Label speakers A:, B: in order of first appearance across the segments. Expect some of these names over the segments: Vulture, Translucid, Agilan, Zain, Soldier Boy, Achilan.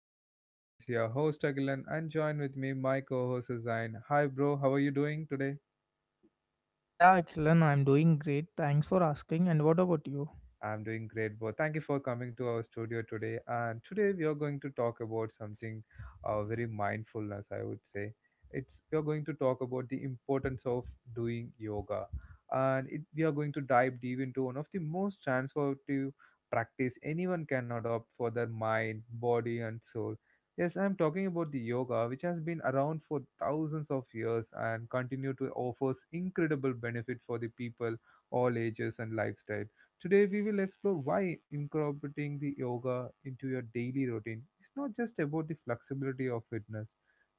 A: podcast. This is your host Agilan and join with me my co-host Zain. Hi bro, how are you doing today?
B: Yeah, Achilan, I'm doing great. Thanks for asking. And what about you?
A: I'm doing great, Bo. Thank you for coming to our studio today. And today we are going to talk about something very mindfulness, I would say. It's we are going to talk about the importance of doing yoga, and it, we are going to dive deep into one of the most transformative practice anyone can adopt for their mind, body, and soul. Yes, I'm talking about the yoga, which has been around for thousands of years and continue to offers incredible benefit for the people all ages and lifestyle. Today, we will explore why incorporating the yoga into your daily routine is not just about the flexibility of fitness,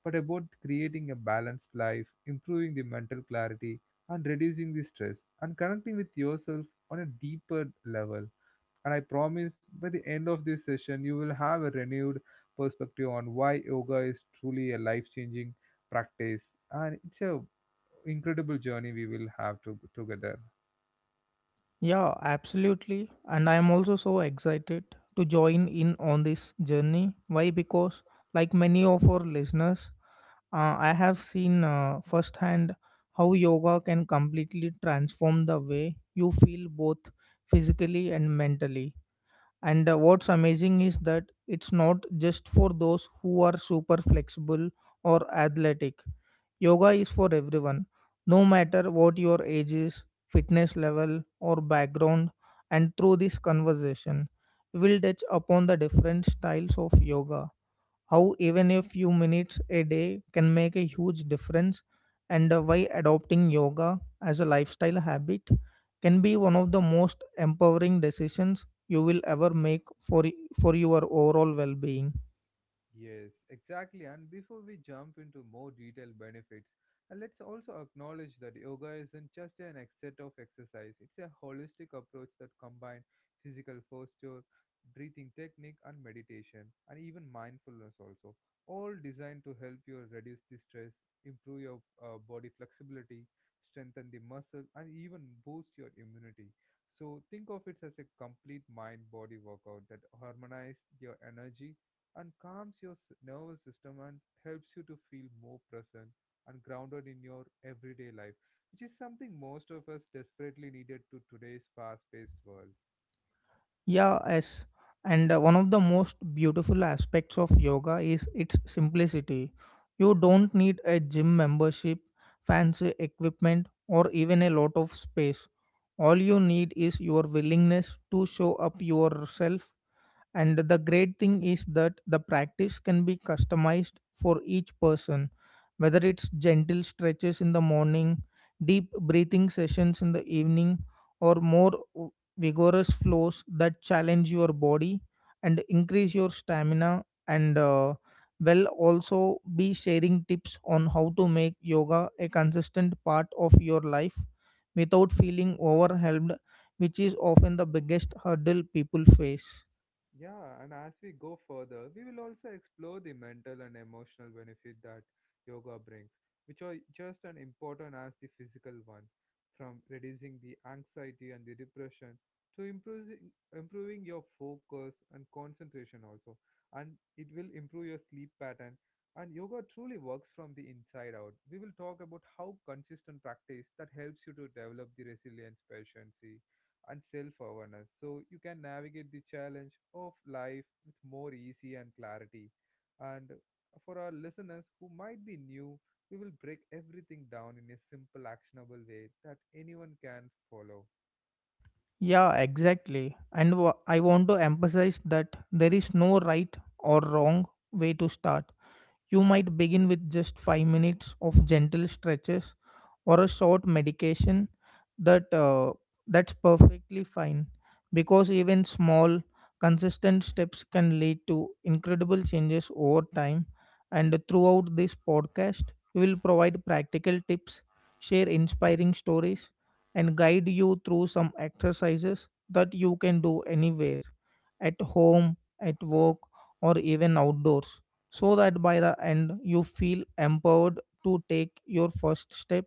A: but about creating a balanced life, improving the mental clarity, and reducing the stress, and connecting with yourself on a deeper level. And I promise by the end of this session, you will have a renewed perspective on why yoga is truly a life changing practice, and it's a incredible journey we will have to together.
B: Yeah, absolutely. And I'm also so excited to join in on this journey. Why? Because, like many of our listeners, I have seen firsthand how yoga can completely transform the way you feel both physically and mentally. And what's amazing is that it's not just for those who are super flexible or athletic. Yoga is for everyone, no matter what your age is, fitness level, or background. And through this conversation, we'll touch upon the different styles of yoga, how even a few minutes a day can make a huge difference, and why adopting yoga as a lifestyle habit can be one of the most empowering decisions you will ever make for for your overall well-being.
A: Yes, exactly. And before we jump into more detailed benefits, let's also acknowledge that yoga isn't just set of exercise. It's a holistic approach that combines physical posture, breathing technique, and meditation, and even mindfulness also, all designed to help you reduce the stress, improve your body flexibility, strengthen the muscle, and even boost your immunity. So think of it as a complete mind-body workout that harmonizes your energy and calms nervous system and helps you to feel more present and grounded in your everyday life, which is something most of us desperately needed to today's fast paced world.
B: Yeah, yes. And one of the most beautiful aspects of yoga is its simplicity. You don't need a gym membership, fancy equipment, or even a lot of space. All you need is your willingness to show up yourself, and the great thing is that the practice can be customized for each person, whether it's gentle stretches in the morning, deep breathing sessions in the evening, or more vigorous flows that challenge your body and increase your stamina. And will also be sharing tips on how to make yoga a consistent part of your life without feeling overwhelmed, which is often the biggest hurdle people face.
A: Yeah, and as we go further, we will also explore the mental and emotional benefit that yoga brings, which are just as important as the physical ones, from reducing the anxiety and the depression to improving your focus and concentration also. And it will improve your sleep pattern. And yoga truly works from the inside out. We will talk about how consistent practice that helps you to develop the resilience, patience, and self-awareness so you can navigate the challenge of life with more easy and clarity, and for our listeners who might be new, we will break everything down in a simple actionable way that anyone can follow.
B: Yeah, exactly. And I want to emphasize that there is no right or wrong way to start. You might begin with just 5 minutes of gentle stretches or a short medication, that uh, that's perfectly fine, because even small, consistent steps can lead to incredible changes over time. And throughout this podcast, we will provide practical tips, share inspiring stories, and guide you through some exercises that you can do anywhere, at home, at work, or even outdoors, so that by the end you feel empowered to take your first step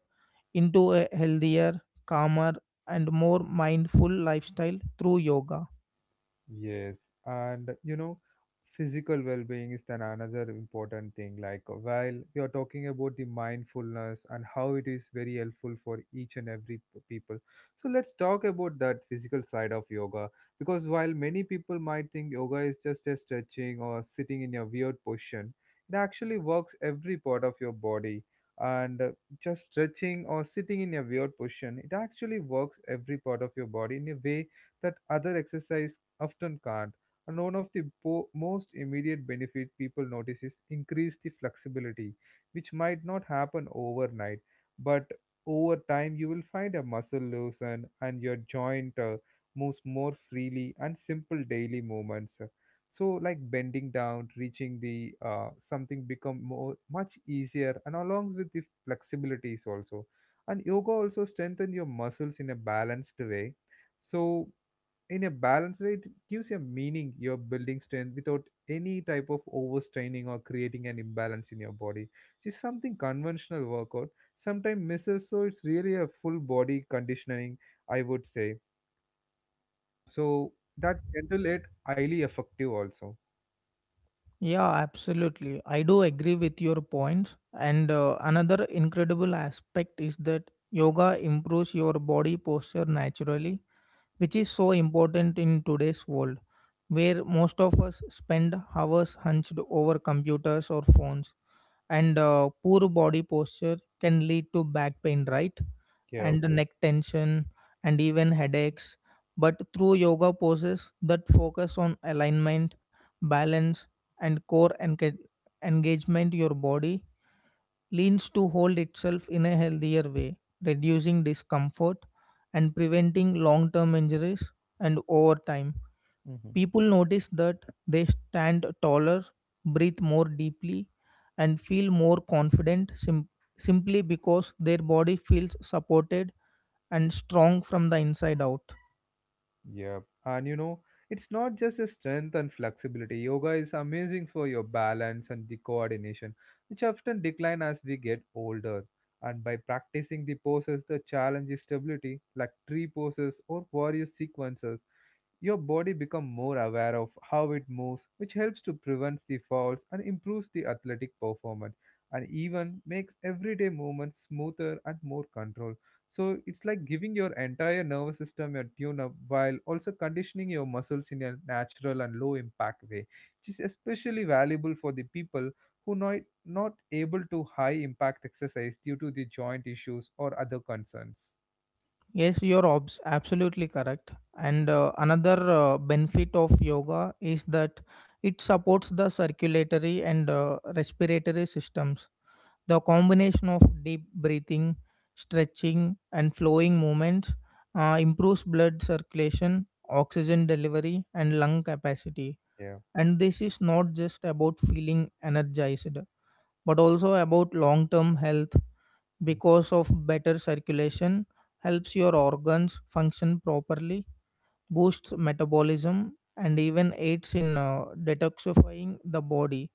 B: into a healthier, calmer, and more mindful lifestyle through yoga.
A: Yes, and you know, physical well-being is then another important thing. Like while we are talking about the mindfulness and how it is very helpful for each and every people, so let's talk about that physical side of yoga. Because while many people might think yoga is just a stretching or sitting in a weird position, it actually works every part of your body. And just stretching or sitting in a weird position, it actually works every part of your body in a way that other exercise often can't. And one of the most immediate benefit people notice is increase the flexibility, which might not happen overnight, but over time you will find a muscle loosen and your joint moves more freely and simple daily movements. So like bending down, reaching the something become more much easier and along with the flexibilities also. And yoga also strengthen your muscles in a balanced way. So in a balanced way, it gives you meaning. You're building strength without any type of overstraining or creating an imbalance in your body. Which is something conventional workout sometimes misses. So it's really a full body conditioning, I would say. So that gentle yet highly effective also.
B: Yeah, absolutely. I do agree with your points. And another incredible aspect is that yoga improves your body posture naturally, which is so important in today's world, where most of us spend hours hunched over computers or phones. And poor body posture can lead to back pain, right?
A: Yeah.
B: And the neck tension and even headaches. But through yoga poses that focus on alignment, balance, and engagement, your body leans to hold itself in a healthier way, reducing discomfort and preventing long term injuries. And over time,
A: Mm-hmm.
B: people notice that they stand taller, breathe more deeply, and feel more confident simply because their body feels supported and strong from the inside out.
A: Yep. And you know, it's not just a strength and flexibility. Yoga is amazing for your balance and the coordination, which often decline as we get older. And by practicing the poses, the challenge is stability, like tree poses or warrior sequences. Your body becomes more aware of how it moves, which helps to prevent the falls and improves the athletic performance, and even makes everyday movements smoother and more controlled. So it's like giving your entire nervous system a tune up while also conditioning your muscles in a natural and low impact way, which is especially valuable for the people who not able to high impact exercise due to the joint issues or other concerns.
B: Yes, you're absolutely correct. And another benefit of yoga is that it supports the circulatory and respiratory systems. The combination of deep breathing, stretching, and flowing movements improves blood circulation, oxygen delivery, and lung capacity.
A: Yeah.
B: And this is not just about feeling energized, but also about long term health, because of better circulation helps your organs function properly, boosts metabolism, and even aids in detoxifying the body.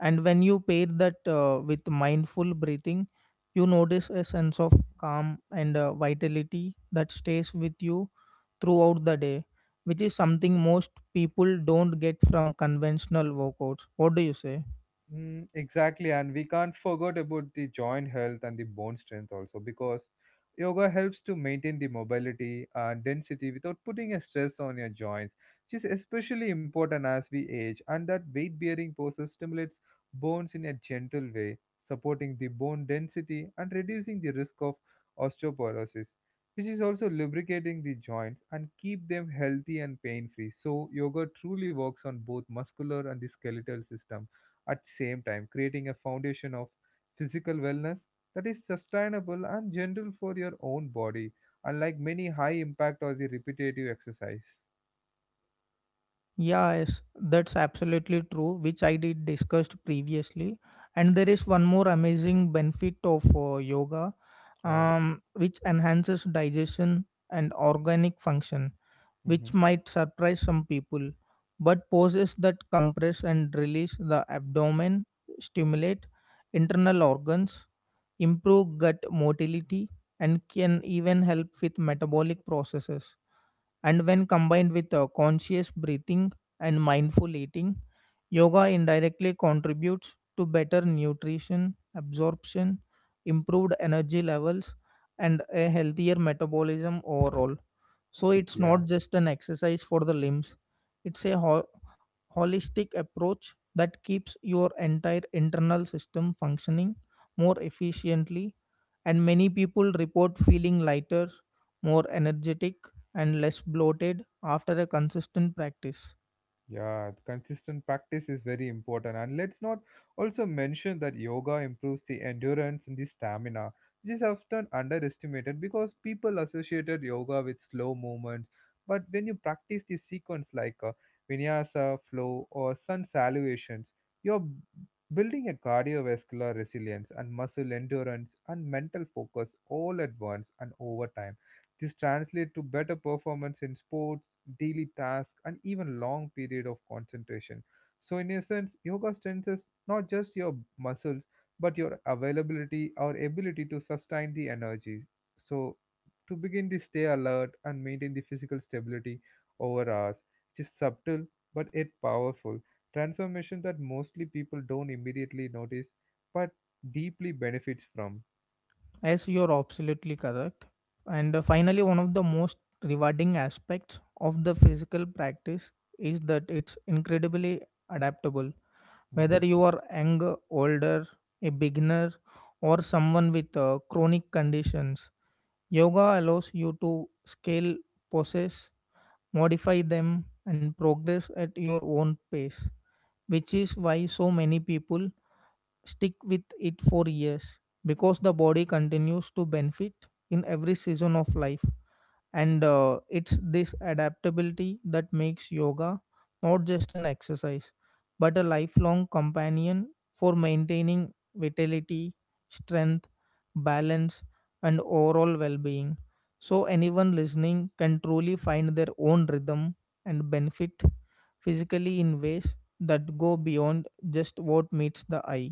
B: And when you pair that with mindful breathing, you notice a sense of calm and vitality that stays with you throughout the day, which is something most people don't get from conventional workouts. What do you say?
A: Mm, exactly, and we can't forget about the joint health and the bone strength also because yoga helps to maintain the mobility and density without putting a stress on your joints, which is especially important as we age. And that weight bearing poses stimulates bones in a gentle way, supporting the bone density and reducing the risk of osteoporosis, which is also lubricating the joints and keep them healthy and pain free. So yoga truly works on both muscular and the skeletal system at the same time creating a foundation of physical wellness that is sustainable and gentle for your own body, unlike many high impact or the repetitive exercise.
B: Yes, that's absolutely true, which I did discussed previously. And there is one more amazing benefit of yoga,
A: Oh.
B: which enhances digestion and organic function,
A: Hmm.
B: which might surprise some people. But poses that compress and release the abdomen, stimulate internal organs, improve gut motility, and can even help with metabolic processes. And when combined with conscious breathing and mindful eating, yoga indirectly contributes to better nutrition absorption, improved energy levels, and a healthier metabolism overall. So it's
A: Yeah.
B: not just an exercise for the limbs, it's a holistic approach that keeps your entire internal system functioning more efficiently, and many people report feeling lighter, more energetic, and less bloated after a consistent practice.
A: Yeah, the consistent practice is very important. And let's not also mention that yoga improves the endurance and the stamina, which is often underestimated because people associated yoga with slow movements. But when you practice the sequence like vinyasa, flow, or sun salutations, you're b- building a cardiovascular resilience and muscle endurance and mental focus all at once and over time. This translates to better performance in sports, daily tasks, and even long period of concentration. So, in essence, yoga strengthens not just your muscles but your availability or ability to sustain the energy. So, to begin the stay alert and maintain the physical stability over hours, which is subtle but yet powerful transformation that mostly people don't immediately notice but deeply benefits from.
B: As you're absolutely correct. And finally, one of the most rewarding aspects of the physical practice is that it's incredibly adaptable.
A: Mhm.
B: Whether you are younger, older, a beginner, or someone with chronic conditions, yoga allows you to scale poses, modify them, and progress at your own pace, which is why so many people stick with it for years, because the body continues to benefit in every season of life. And it's this adaptability that makes yoga not just an exercise but a lifelong companion for maintaining vitality, strength, balance, and overall well-being, so anyone listening can truly find their own rhythm and benefit physically in ways that go beyond just what meets the eye.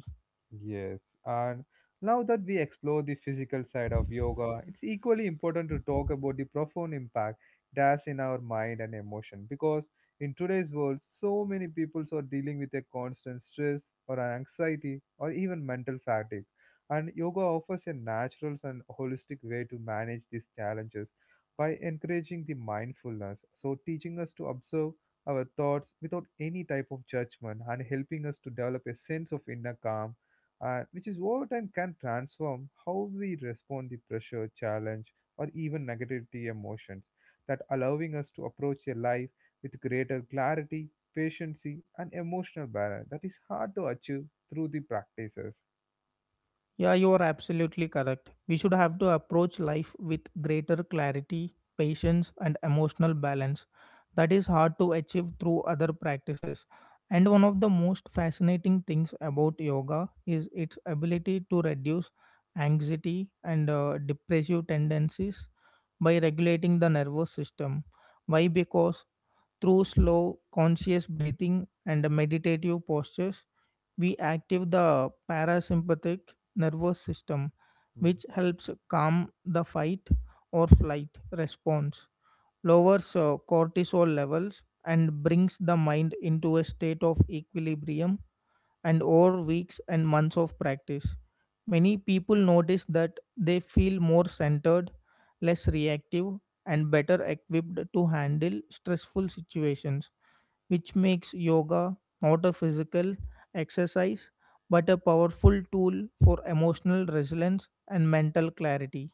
A: Yes, and now that we explore the physical side of yoga, it's equally important to talk about the profound impact it has in our mind and emotion because in today's world, so many people are dealing with a constant stress or an anxiety or even mental fatigue. And yoga offers a natural and holistic way to manage these challenges by encouraging the mindfulness, so teaching us to observe our thoughts without any type of judgment and helping us to develop a sense of inner calm, which is over time can transform how we respond to pressure, challenge, or even negativity emotions, that allowing us to approach a life with greater clarity, patience, and emotional balance that is hard to achieve through the practices.
B: Yeah, you are absolutely correct. We should have to approach life with greater clarity, patience, and emotional balance. That is hard to achieve through other practices. And one of the most fascinating things about yoga is its ability to reduce anxiety and depressive tendencies by regulating the nervous system. Why? Because through slow, conscious breathing and meditative postures, we active the parasympathetic nervous system, which helps calm the fight or flight response, lowers cortisol levels, and brings the mind into a state of equilibrium. And over weeks and months of practice, many people notice that they feel more centered, less reactive, and better equipped to handle stressful situations, which makes yoga not a physical exercise but a powerful tool for emotional resilience and mental clarity.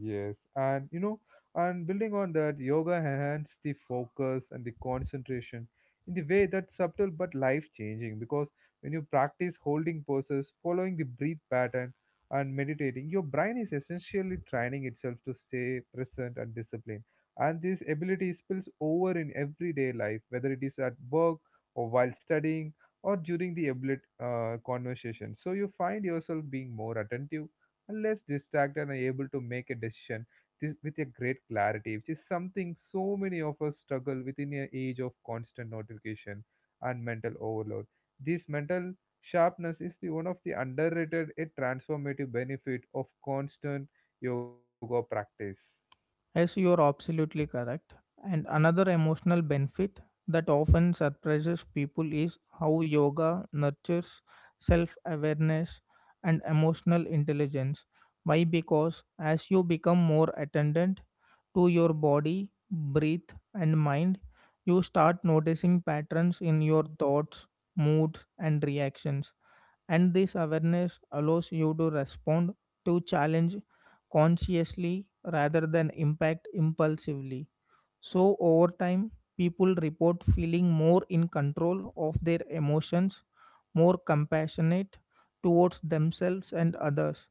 A: Yes, and you know, and building on that, yoga enhances the focus and the concentration in the way that's subtle but life changing. Because when you practice holding poses, following the breath pattern, and meditating, your brain is essentially training itself to stay present and disciplined. And this ability spills over in everyday life, whether it is at work or while studying or during the conversation. So you find yourself being more attentive and less distracted and able to make a decision this, with a great clarity, which is something so many of us struggle within an age of constant notification and mental overload. This mental sharpness is the one of the underrated a transformative benefit of constant yoga practice.
B: Yes, you are absolutely correct. And another emotional benefit that often surprises people is how yoga nurtures self awareness and emotional intelligence. Why? Because as you become more attendant to your body, breath, and mind, you start noticing patterns in your thoughts, moods, and reactions, and this awareness allows you to respond to challenge consciously rather than impact impulsively. So over time, people report feeling more in control of their emotions, more compassionate towards themselves and others,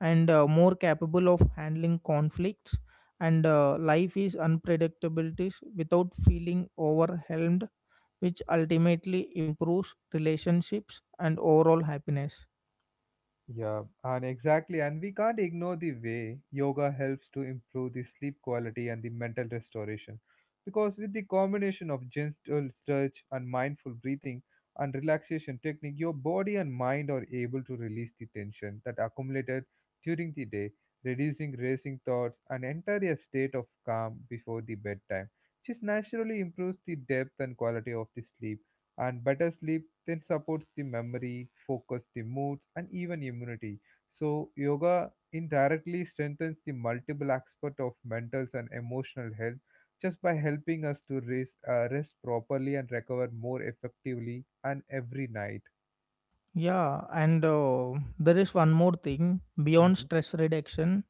B: and more capable of handling conflicts and life is unpredictabilities without feeling overwhelmed, which ultimately improves relationships and overall happiness.
A: Yeah, and exactly, and we can't ignore the way yoga helps to improve the sleep quality and the mental restoration. Because with the combination of gentle stretch and mindful breathing and relaxation technique, your body and mind are able to release the tension that accumulated during the day, reducing racing thoughts and enter a state of calm before the bedtime, which naturally improves the depth and quality of the sleep, and better sleep then supports the memory focus the moods and even immunity. So yoga indirectly strengthens the multiple aspect of mental and emotional health just by helping us to rest properly and recover more effectively and every night.
B: Yeah, and there is one more thing beyond
A: Hmm.
B: stress reduction,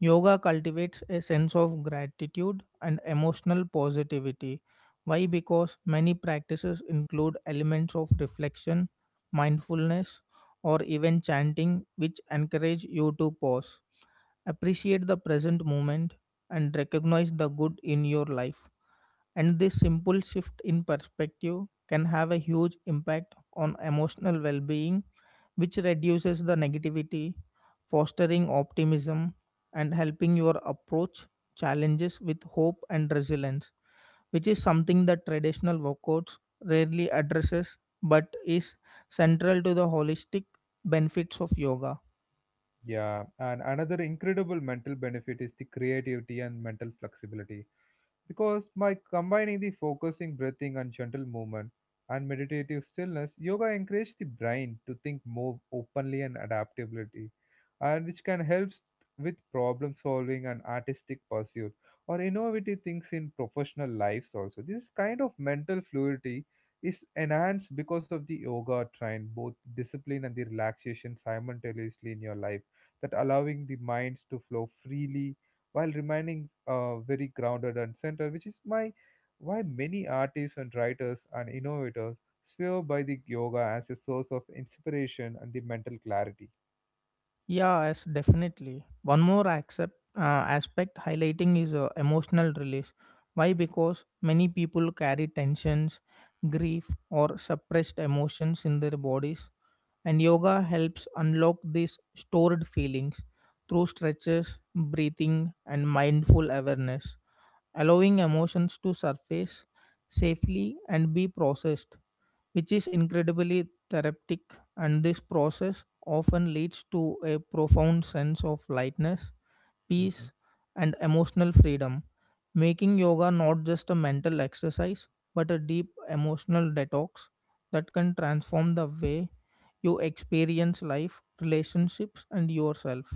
B: yoga cultivates a sense of gratitude and emotional positivity. Why? Because many practices include elements of reflection, mindfulness, or even chanting, which encourage you to pause, appreciate the present moment, and recognize the good in your life. And this simple shift in perspective can have a huge impact on emotional well being, which reduces the negativity, fostering optimism, and helping your approach challenges with hope and resilience, which is something that traditional workouts rarely addresses but is central to the holistic benefits of yoga.
A: Yeah, and another incredible mental benefit is the creativity and mental flexibility. Because by combining the focusing breathing and gentle movement and meditative stillness, yoga encourages the brain to think more openly and adaptability, and which can help with problem solving and artistic pursuit or innovative things in professional lives also. This kind of mental fluidity is enhanced because of the yoga train, both discipline and the relaxation simultaneously in your life, that allowing the minds to flow freely while remaining very grounded and centered, which is my why many artists and writers and innovators swear by the yoga as a source of inspiration and the mental clarity.
B: Yeah, yes, definitely. One more aspect highlighting is emotional release. Why? Because many people carry tensions, grief, or suppressed emotions in their bodies. And yoga helps unlock these stored feelings through stretches, breathing, and mindful awareness, allowing emotions to surface safely and be processed, which is incredibly therapeutic. And this process often leads to a profound sense of lightness,
A: Mhm.
B: peace, and emotional freedom, making yoga not just a mental exercise but a deep emotional detox that can transform the way you experience life, relationships, and yourself.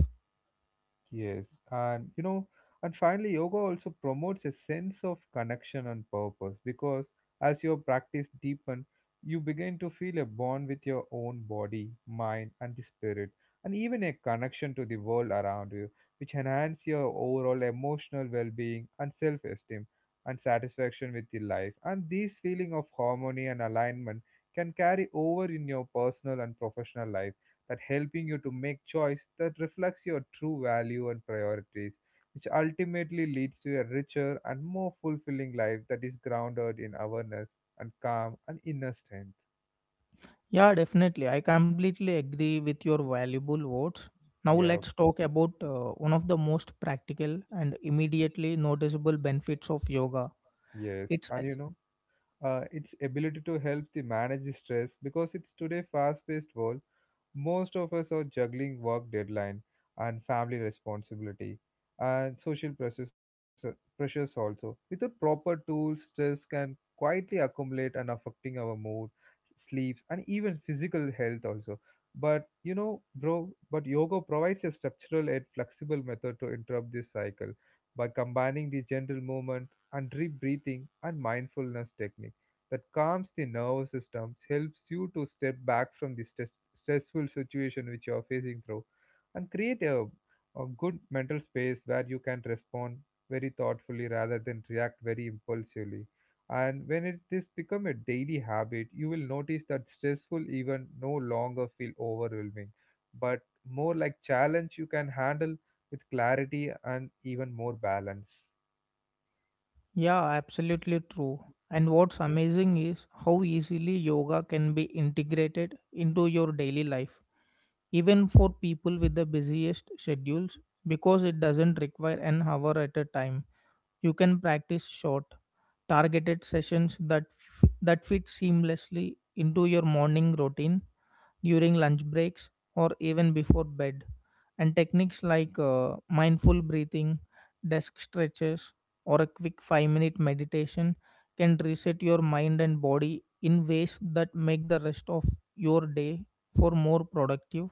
A: Yes, and you know, and finally, yoga also promotes a sense of connection and purpose because as your practice deepen, you begin to feel a bond with your own body, mind, and the spirit, and even a connection to the world around you, which enhance your overall emotional well-being and self-esteem and satisfaction with the life. And this feeling of harmony and alignment can carry over in your personal and professional life that helping you to make choice that reflects your true value and priorities, which ultimately leads to a richer and more fulfilling life that is grounded in awareness and calm and inner strength.
B: Yeah, definitely. I completely agree with your valuable words. Now,
A: Yeah.
B: let's talk about one of the most practical and immediately noticeable benefits of yoga,
A: Yes,
B: its...
A: and you know, its ability to help the manage the stress because it's today fast paced world. Most of us are juggling work deadline and family responsibility and social pressures, pressures also. Without proper tools, stress can quietly accumulate and affecting our mood, sleep, and even physical health also. But you know, bro, but yoga provides a structural and flexible method to interrupt this cycle by combining the gentle movement and deep breathing and mindfulness techniques that calms the nervous system, helps you to step back from the stress, stressful situation which you are facing through, and create a good mental space where you can respond very thoughtfully rather than react very impulsively. And when it this become a daily habit, you will notice that stressful even no longer feel overwhelming, but more like challenge you can handle with clarity and even more balance.
B: Yeah, absolutely true. And what's amazing is how easily yoga can be integrated into your daily life, even for people with the busiest schedules, because it doesn't require an hour at a time. You can practice short, targeted sessions that that fit seamlessly into your morning routine, during lunch breaks, or even before bed. And techniques like mindful breathing, desk stretches, or a quick 5-minute meditation can reset your mind and body in ways that make the rest of your day for more productive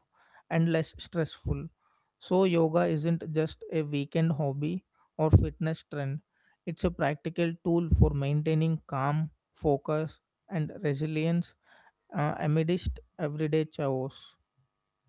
B: and less stressful. So yoga isn't just a weekend hobby or fitness trend. It's a practical tool for maintaining calm, focus, and resilience amidst everyday chaos.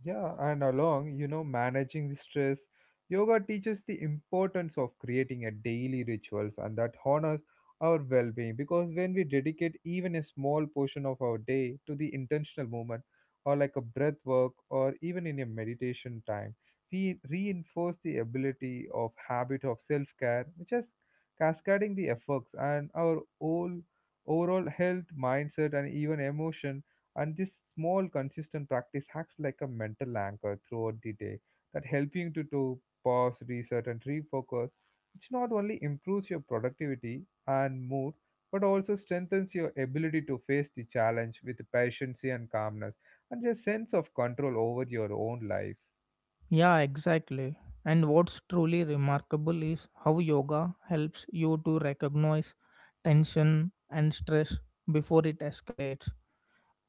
A: Yeah, and along, you know, managing the stress, yoga teaches the importance of creating a daily rituals and that honors our well-being because when we dedicate even a small portion of our day to the intentional movement or like a breath work or even in a meditation time, we reinforce the ability of habit of self-care, which is cascading the effects and our whole overall health, mindset and even emotion. And this small, consistent practice acts like a mental anchor throughout the day that help you to pause, reset, and refocus, which not only improves your productivity and mood, but also strengthens your ability to face the challenge with patience and calmness and a sense of control over your own life.
B: Yeah, exactly. And what's truly remarkable is how yoga helps you to recognize tension and stress before it escalates.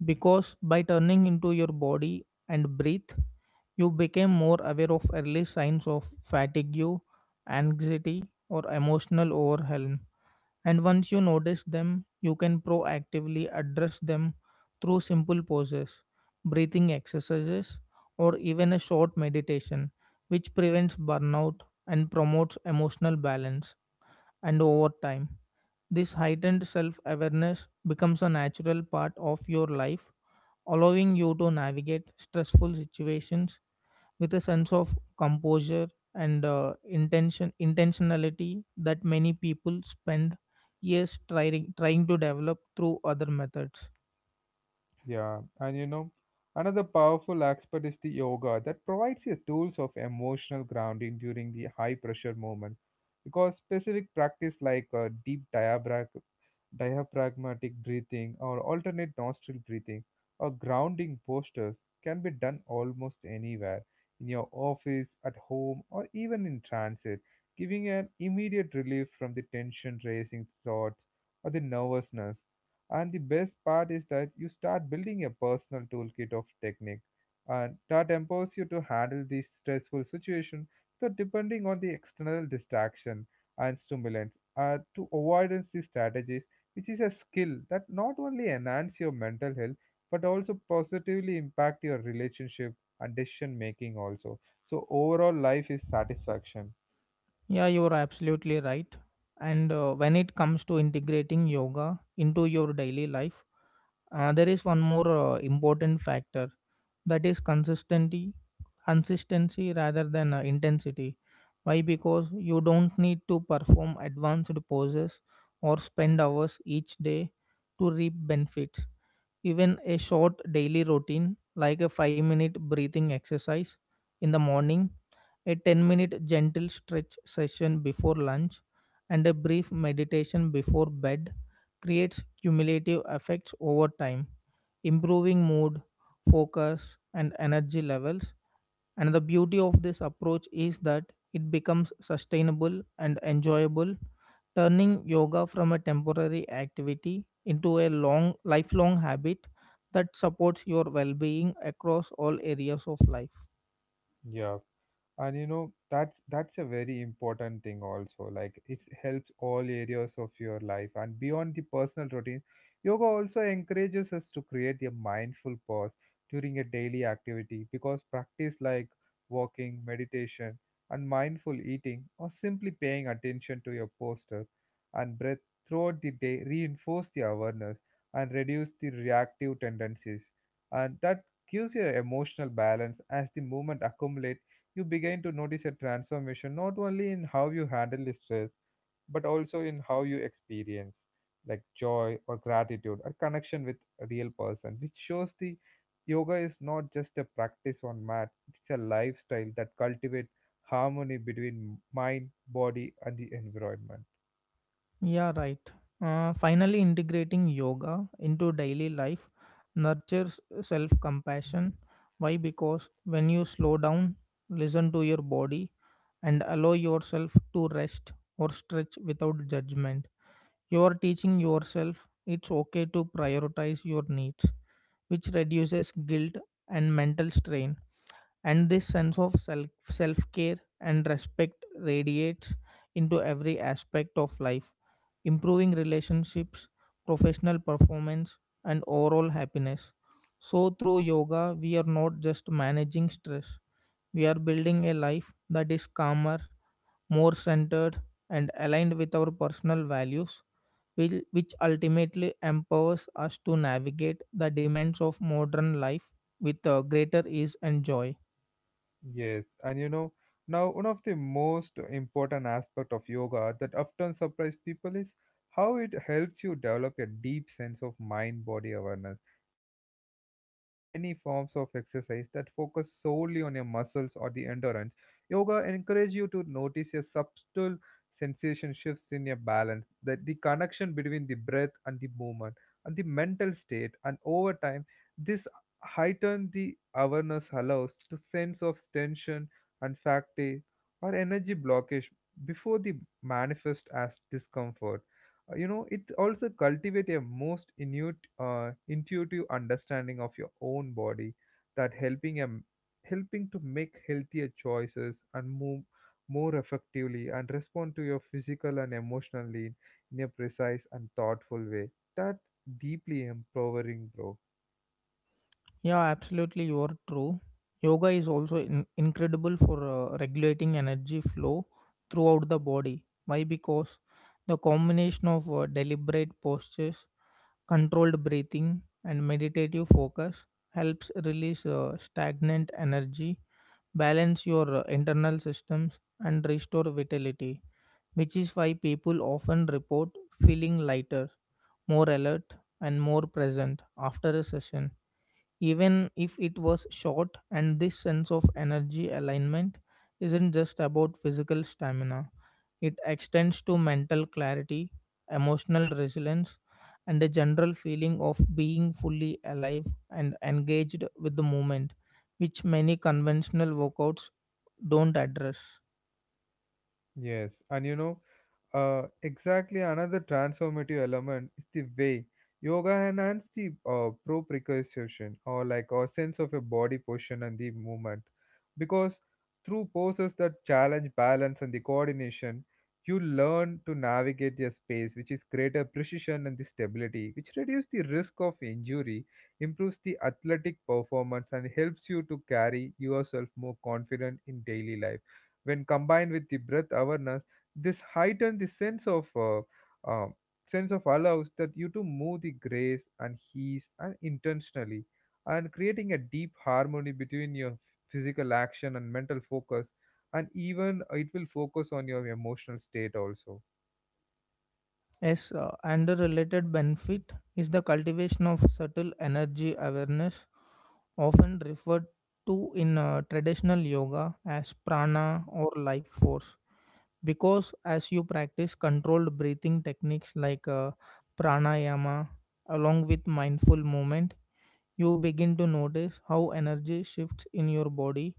B: Because by turning into your body and breathe, you became more aware of early signs of fatigue, anxiety, or emotional overwhelm. And once you notice them, you can proactively address them through simple poses, breathing exercises, or even a short meditation, which prevents burnout and promotes emotional balance. And over time, this heightened self awareness becomes a natural part of your life, allowing you to navigate stressful situations with a sense of composure and intentionality that many people spend years trying to develop through other methods.
A: Yeah, and you know, another powerful aspect is the yoga that provides you tools of emotional grounding during the high pressure moment. Because specific practice like deep diaphragmatic breathing or alternate nostril breathing or grounding postures can be done almost anywhere, in your office, at home, or even in transit, giving an immediate relief from the tension raising thoughts or the nervousness. And the best part is that you start building a personal toolkit of technique and that empowers you to handle the stressful situation. So depending on the external distraction and stimulants to avoidance the strategies, which is a skill that not only enhance your mental health but also positively impact your relationship and decision making also. So overall life is satisfaction.
B: Yeah, you're absolutely right. And when it comes to integrating yoga into your daily life, there is one more important factor, that is consistency. Consistency rather than intensity. Why? Because you don't need to perform advanced poses or spend hours each day to reap benefits. Even a short daily routine like a 5-minute breathing exercise in the morning, a 10-minute gentle stretch session before lunch, and a brief meditation before bed creates cumulative effects over time, improving mood, focus, and energy levels. And the beauty of this approach is that it becomes sustainable and enjoyable, turning yoga from a temporary activity into a long lifelong habit that supports your well-being across all areas of life.
A: Yeah. And you know, that's a very important thing also, like it helps all areas of your life. And beyond the personal routine, yoga also encourages us to create a mindful pause during a daily activity because practice like walking meditation and mindful eating or simply paying attention to your posture and breath throughout the day reinforce the awareness and reduce the reactive tendencies, and that gives you emotional balance. As the movement accumulates, you begin to notice a transformation, not only in how you handle the stress but also in how you experience like joy or gratitude or connection with a real person, which shows the yoga is not just a practice on mat, it's a lifestyle that cultivates harmony between mind, body, and the environment.
B: Yeah, right. Finally, integrating yoga into daily life nurtures self compassion. Why? Because when you slow down, listen to your body, and allow yourself to rest or stretch without judgment, you are teaching yourself it's okay to prioritize your needs, which reduces guilt and mental strain. And this sense of self care and respect radiates into every aspect of life, improving relationships, professional performance, and overall happiness. So through yoga we are not just managing stress, we are building a life that is calmer, more centered, and aligned with our personal values, which ultimately empowers us to navigate the demands of modern life with greater ease and joy.
A: Yes, and you know, now one of the most important aspect of yoga that often surprise people is how it helps you develop a deep sense of mind-body awareness. Because unlike many forms of exercise that focus solely on your muscles or the endurance, yoga encourages you to notice a subtle sensation shifts in your balance, that the connection between the breath and the movement and the mental state, and over time this heighten the awareness allows to sense of tension and fatigue or energy blockage before they manifest as discomfort. You know, it also cultivate a most intuitive understanding of your own body that helping to make healthier choices and move more effectively and respond to your physical and emotional need in a precise and thoughtful way. That deeply empowering, bro.
B: Yeah, absolutely. You're true. Yoga is also incredible for regulating energy flow throughout the body. Why? Because the combination of deliberate postures, controlled breathing, and meditative focus helps release stagnant energy, balance your internal systems, and restore vitality, which is why people often report feeling lighter, more alert, and more present after a session, even if it was short. And this sense of energy alignment isn't just about physical stamina, it extends to mental clarity, emotional resilience, and a general feeling of being fully alive and engaged with the moment, which many conventional workouts don't address.
A: Yes, and you know, exactly another transformative element is the way yoga enhances the proprioception or like our sense of a body position and the movement because through poses that challenge balance and the coordination, you learn to navigate your space which is greater precision and the stability, which reduces the risk of injury, improves the athletic performance and helps you to carry yourself more confident in daily life. When combined with the breath awareness, this heighten the um, sense of allows that you to move the grace and ease and intentionally, and creating a deep harmony between your physical action and mental focus, and even it will focus on your emotional state also.
B: Yes, and the related benefit is the cultivation of subtle energy awareness, often referred to in traditional yoga as prana or life force. Because as you practice controlled breathing techniques like pranayama along with mindful movement, you begin to notice how energy shifts in your body,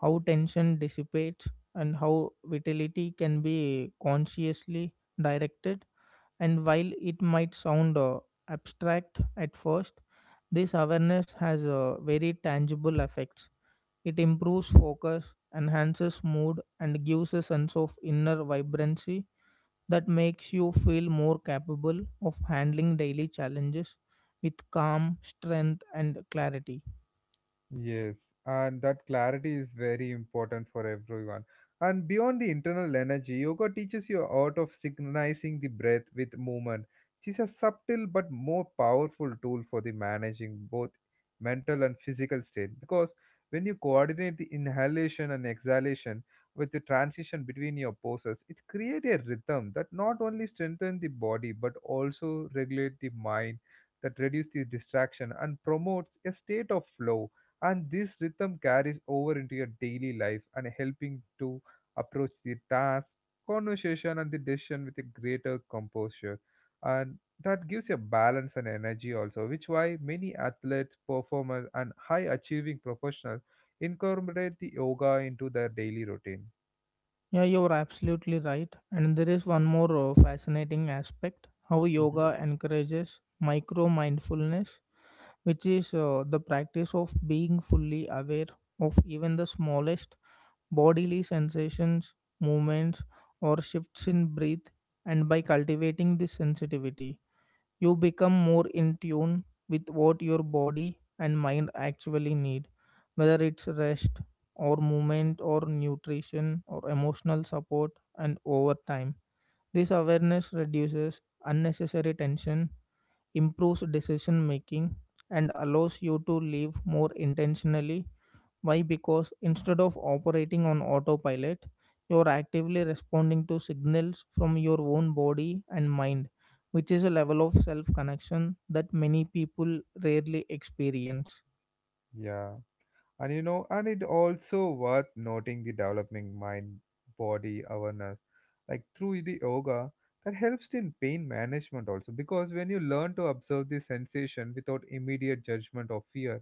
B: how tension dissipates, and how vitality can be consciously directed. And while it might sound abstract at first, this awareness has very tangible effects. It improves focus, enhances mood, and gives a sense of inner vibrancy that makes you feel more capable of handling daily challenges with calm, strength, and clarity.
A: Yes, and that clarity is very important for everyone. And beyond the internal energy, yoga teaches you art of synchronizing the breath with movement. It's a subtle but more powerful tool for the managing both mental and physical state because when you coordinate the inhalation and exhalation with the transition between your poses, it creates a rhythm that not only strengthens the body but also regulate the mind that reduce the distraction and promotes a state of flow. And this rhythm carries over into your daily life and helping to approach the task, conversation and the decision with a greater composure, and that gives you balance and energy also, which why many athletes, performers and high achieving professionals incorporate the yoga into their daily routine.
B: Yeah, you're absolutely right. And there is one more fascinating aspect, how
A: Mhm.
B: yoga encourages micro mindfulness, which is the practice of being fully aware of even the smallest bodily sensations, movements, or shifts in breath. And by cultivating this sensitivity, you become more in tune with what your body and mind actually need, whether it's rest or movement or nutrition or emotional support. And over time, this awareness reduces unnecessary tension, improves decision making, and allows you to live more intentionally. Why? Because instead of operating on autopilot, you're actively responding to signals from your own body and mind, which is a level of self connection that many people rarely experience.
A: Yeah, and you know, and it also worth noting the developing mind body awareness, like through the yoga that helps in pain management also, because when you learn to observe the sensation without immediate judgment or fear,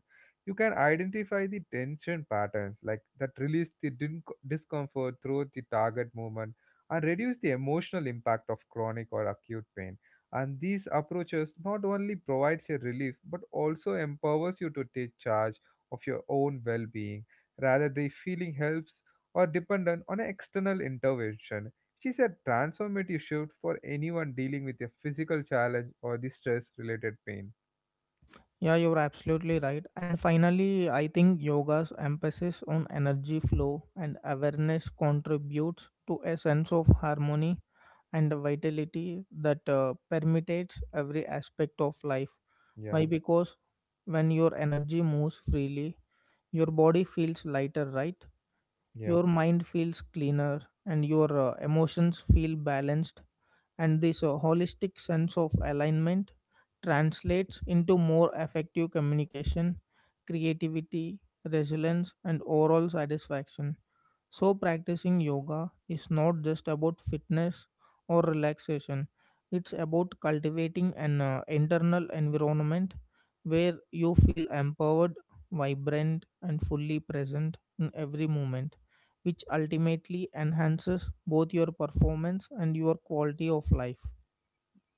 A: you can identify the tension patterns like that release the discomfort through the target movement and reduce the emotional impact of chronic or acute pain. And these approaches not only provides a relief but also empowers you to take charge of your own well-being rather than feeling helps or dependent on an external intervention. She's a transformative shift for anyone dealing with a physical challenge or the stress related pain.
B: Yeah, you're absolutely right. And finally, I think yoga's emphasis on energy flow and awareness contributes to a sense of harmony and vitality that permeates every aspect of life. Why?
A: Yeah,
B: Because when your energy moves freely, your body feels lighter, right?
A: yeah.
B: Your mind feels cleaner, and your emotions feel balanced. And this holistic sense of alignment translates into more effective communication, creativity, resilience, and overall satisfaction. So, practicing yoga is not just about fitness or relaxation, it's about cultivating an internal environment where you feel empowered, vibrant, and fully present in every moment, which ultimately enhances both your performance and your quality of life.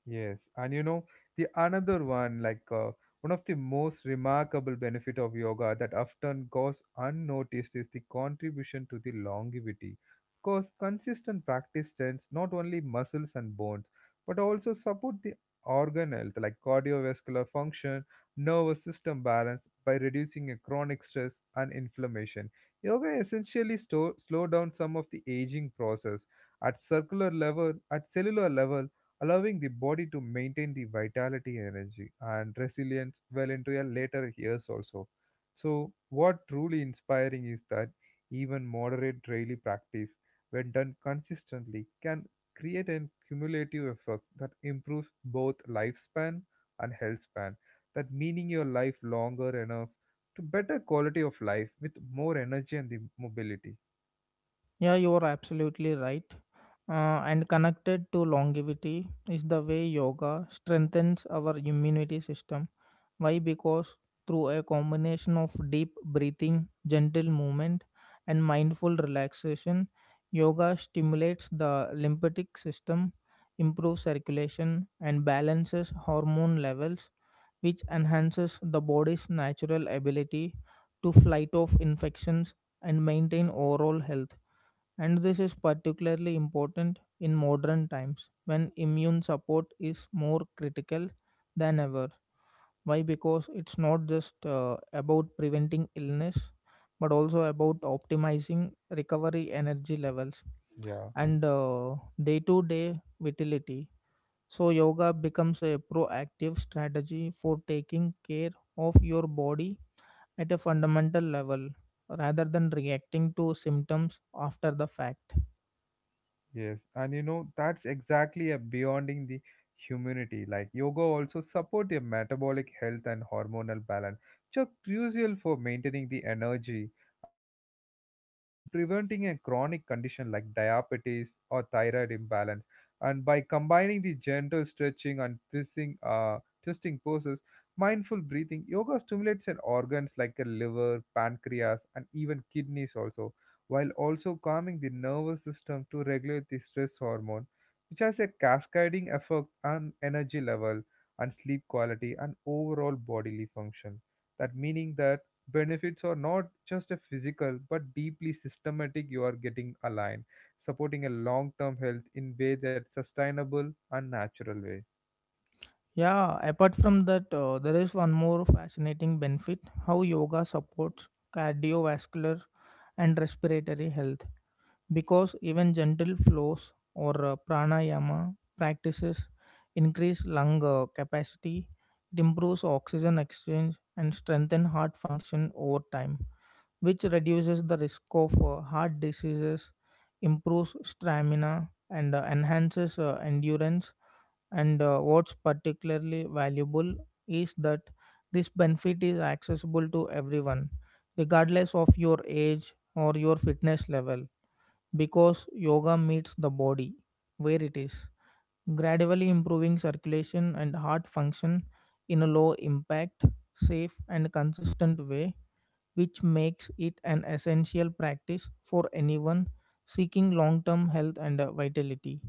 A: Yes, and you know, the another one, like one of the most remarkable benefit of yoga that often goes unnoticed is the contribution to the longevity because consistent practice strengthens not only muscles and bones but also support the organ health like cardiovascular function, nervous system balance by reducing a chronic stress and inflammation. Yoga essentially slow down some of the aging process at circular level at cellular level, allowing the body to maintain the vitality, energy and resilience well into your later years also. So what truly inspiring is that even moderate daily practice, when done consistently, can create a cumulative effect that improves both lifespan and health span, that meaning your life longer enough to better quality of life with more energy and the mobility.
B: Yeah, you are absolutely right. And connected to longevity is the way yoga strengthens our immunity system. Why? Because through a combination of deep breathing, gentle movement, and mindful relaxation, yoga stimulates the lymphatic system, improves circulation, and balances hormone levels, which enhances the body's natural ability to fight off infections and maintain overall health. And this is particularly important in modern times when immune support is more critical than ever. Why? Because it's not just about preventing illness, but also about optimizing recovery, energy levels,
A: Yeah.
B: and day to day vitality. So, yoga becomes a proactive strategy for taking care of your body at a fundamental level rather than reacting to symptoms after the fact.
A: Yes, and you know that's exactly a beyonding the humanity. Like yoga also support your metabolic health and hormonal balance, which are crucial for maintaining the energy and regulating the weight and preventing a chronic condition like diabetes or thyroid imbalance. And by combining the gentle stretching and twisting, twisting poses, mindful breathing, yoga stimulates an organs like a liver, pancreas, and even kidneys also, while also calming the nervous system to regulate the stress hormone, which has a cascading effect on energy level and sleep quality and overall bodily function. That meaning that benefits are not just a physical but deeply systematic, you are getting aligned, supporting a long-term health in way that's sustainable and natural way.
B: Yeah, apart from that, there is one more fascinating benefit, how yoga supports cardiovascular and respiratory health. Because even gentle flows or pranayama practices increase lung capacity, it improves oxygen exchange and strengthen heart function over time, which reduces the risk of heart diseases, improves stamina, and enhances endurance. And what's particularly valuable is that this benefit is accessible to everyone, regardless of your age or your fitness level, because yoga meets the body where it is, gradually improving circulation and heart function in a low impact, safe, and consistent way, which makes it an essential practice for anyone seeking long term health and vitality.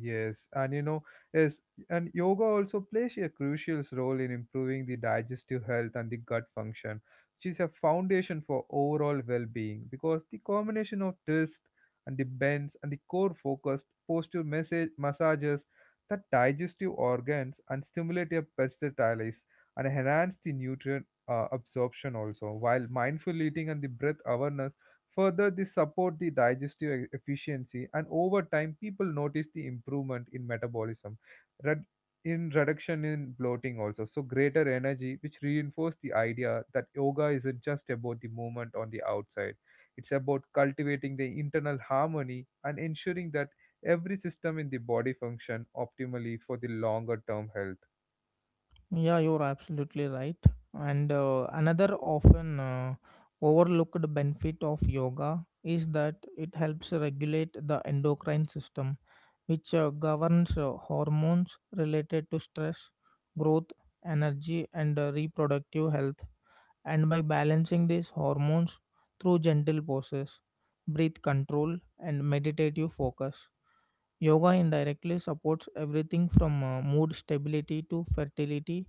A: Yes, and you know, yes, and yoga also plays a crucial role in improving the digestive health and the gut function, which is a foundation for overall well-being because the combination of twist and the bends and the core focused posture message massages the digestive organs and stimulate a peritonitis and enhance the nutrient absorption also, while mindful eating and the breath awareness further, this support the digestive efficiency, and over time, people notice the improvement in metabolism, red, in reduction in bloating also. So, greater energy, which reinforce the idea that yoga isn't just about the movement on the outside. It's about cultivating the internal harmony and ensuring that every system in the body function optimally for the longer term health.
B: Yeah, you're absolutely right. And another often overlooked benefit of yoga is that it helps regulate the endocrine system, which governs hormones related to stress, growth, energy, and reproductive health. And by balancing these hormones through gentle poses, breath control, and meditative focus, yoga indirectly supports everything from mood stability to fertility,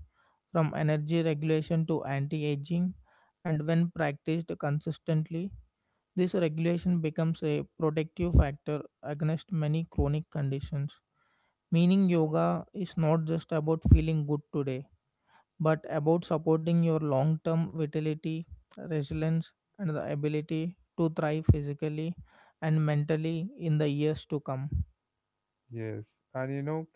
B: from energy regulation to anti aging. And when practiced consistently, this regulation becomes a protective factor against many chronic conditions. Meaning, yoga is not just about feeling good today, but about supporting your long term vitality, resilience, and the ability to thrive physically and mentally in the years to come.
A: Yes, and you know,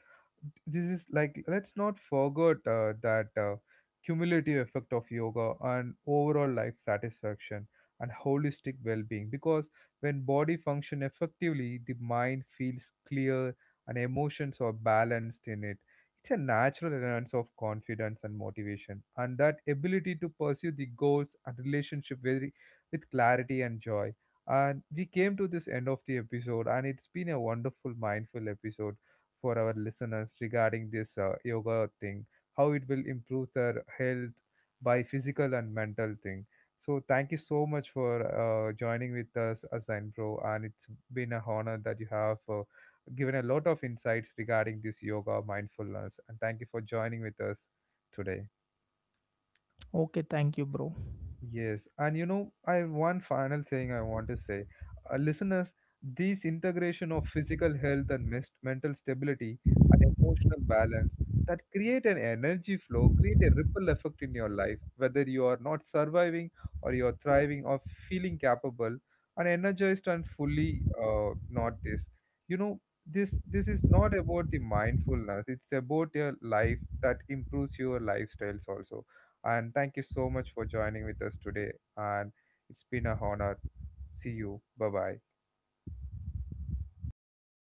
A: this is like, let's not forget that cumulative effect of yoga on overall life satisfaction and holistic well-being because when body function effectively, the mind feels clear and emotions are balanced in it, it's a natural enhance of confidence and motivation and that ability to pursue the goals and relationship very with clarity and joy. And we came to this end of the episode, and it's been a wonderful mindful episode for our listeners regarding this yoga thing, how it will improve their health by physical and mental thing. So thank you so much for joining with us, Asain Bro, and it's been a honor that you have given a lot of insights regarding this yoga mindfulness. And thank you for joining with us today. Yes, and you know, I have one final thing I want to say, listeners, this integration of physical health and mental stability and emotional balance that create an energy flow, create a ripple effect in your life, whether you are not surviving or you are thriving or feeling capable and energized and fully not this. You know, this is not about the mindfulness; it's about your life that improves your lifestyles also. And thank you so much for joining with us today. And it's been a honor. See you. Bye bye.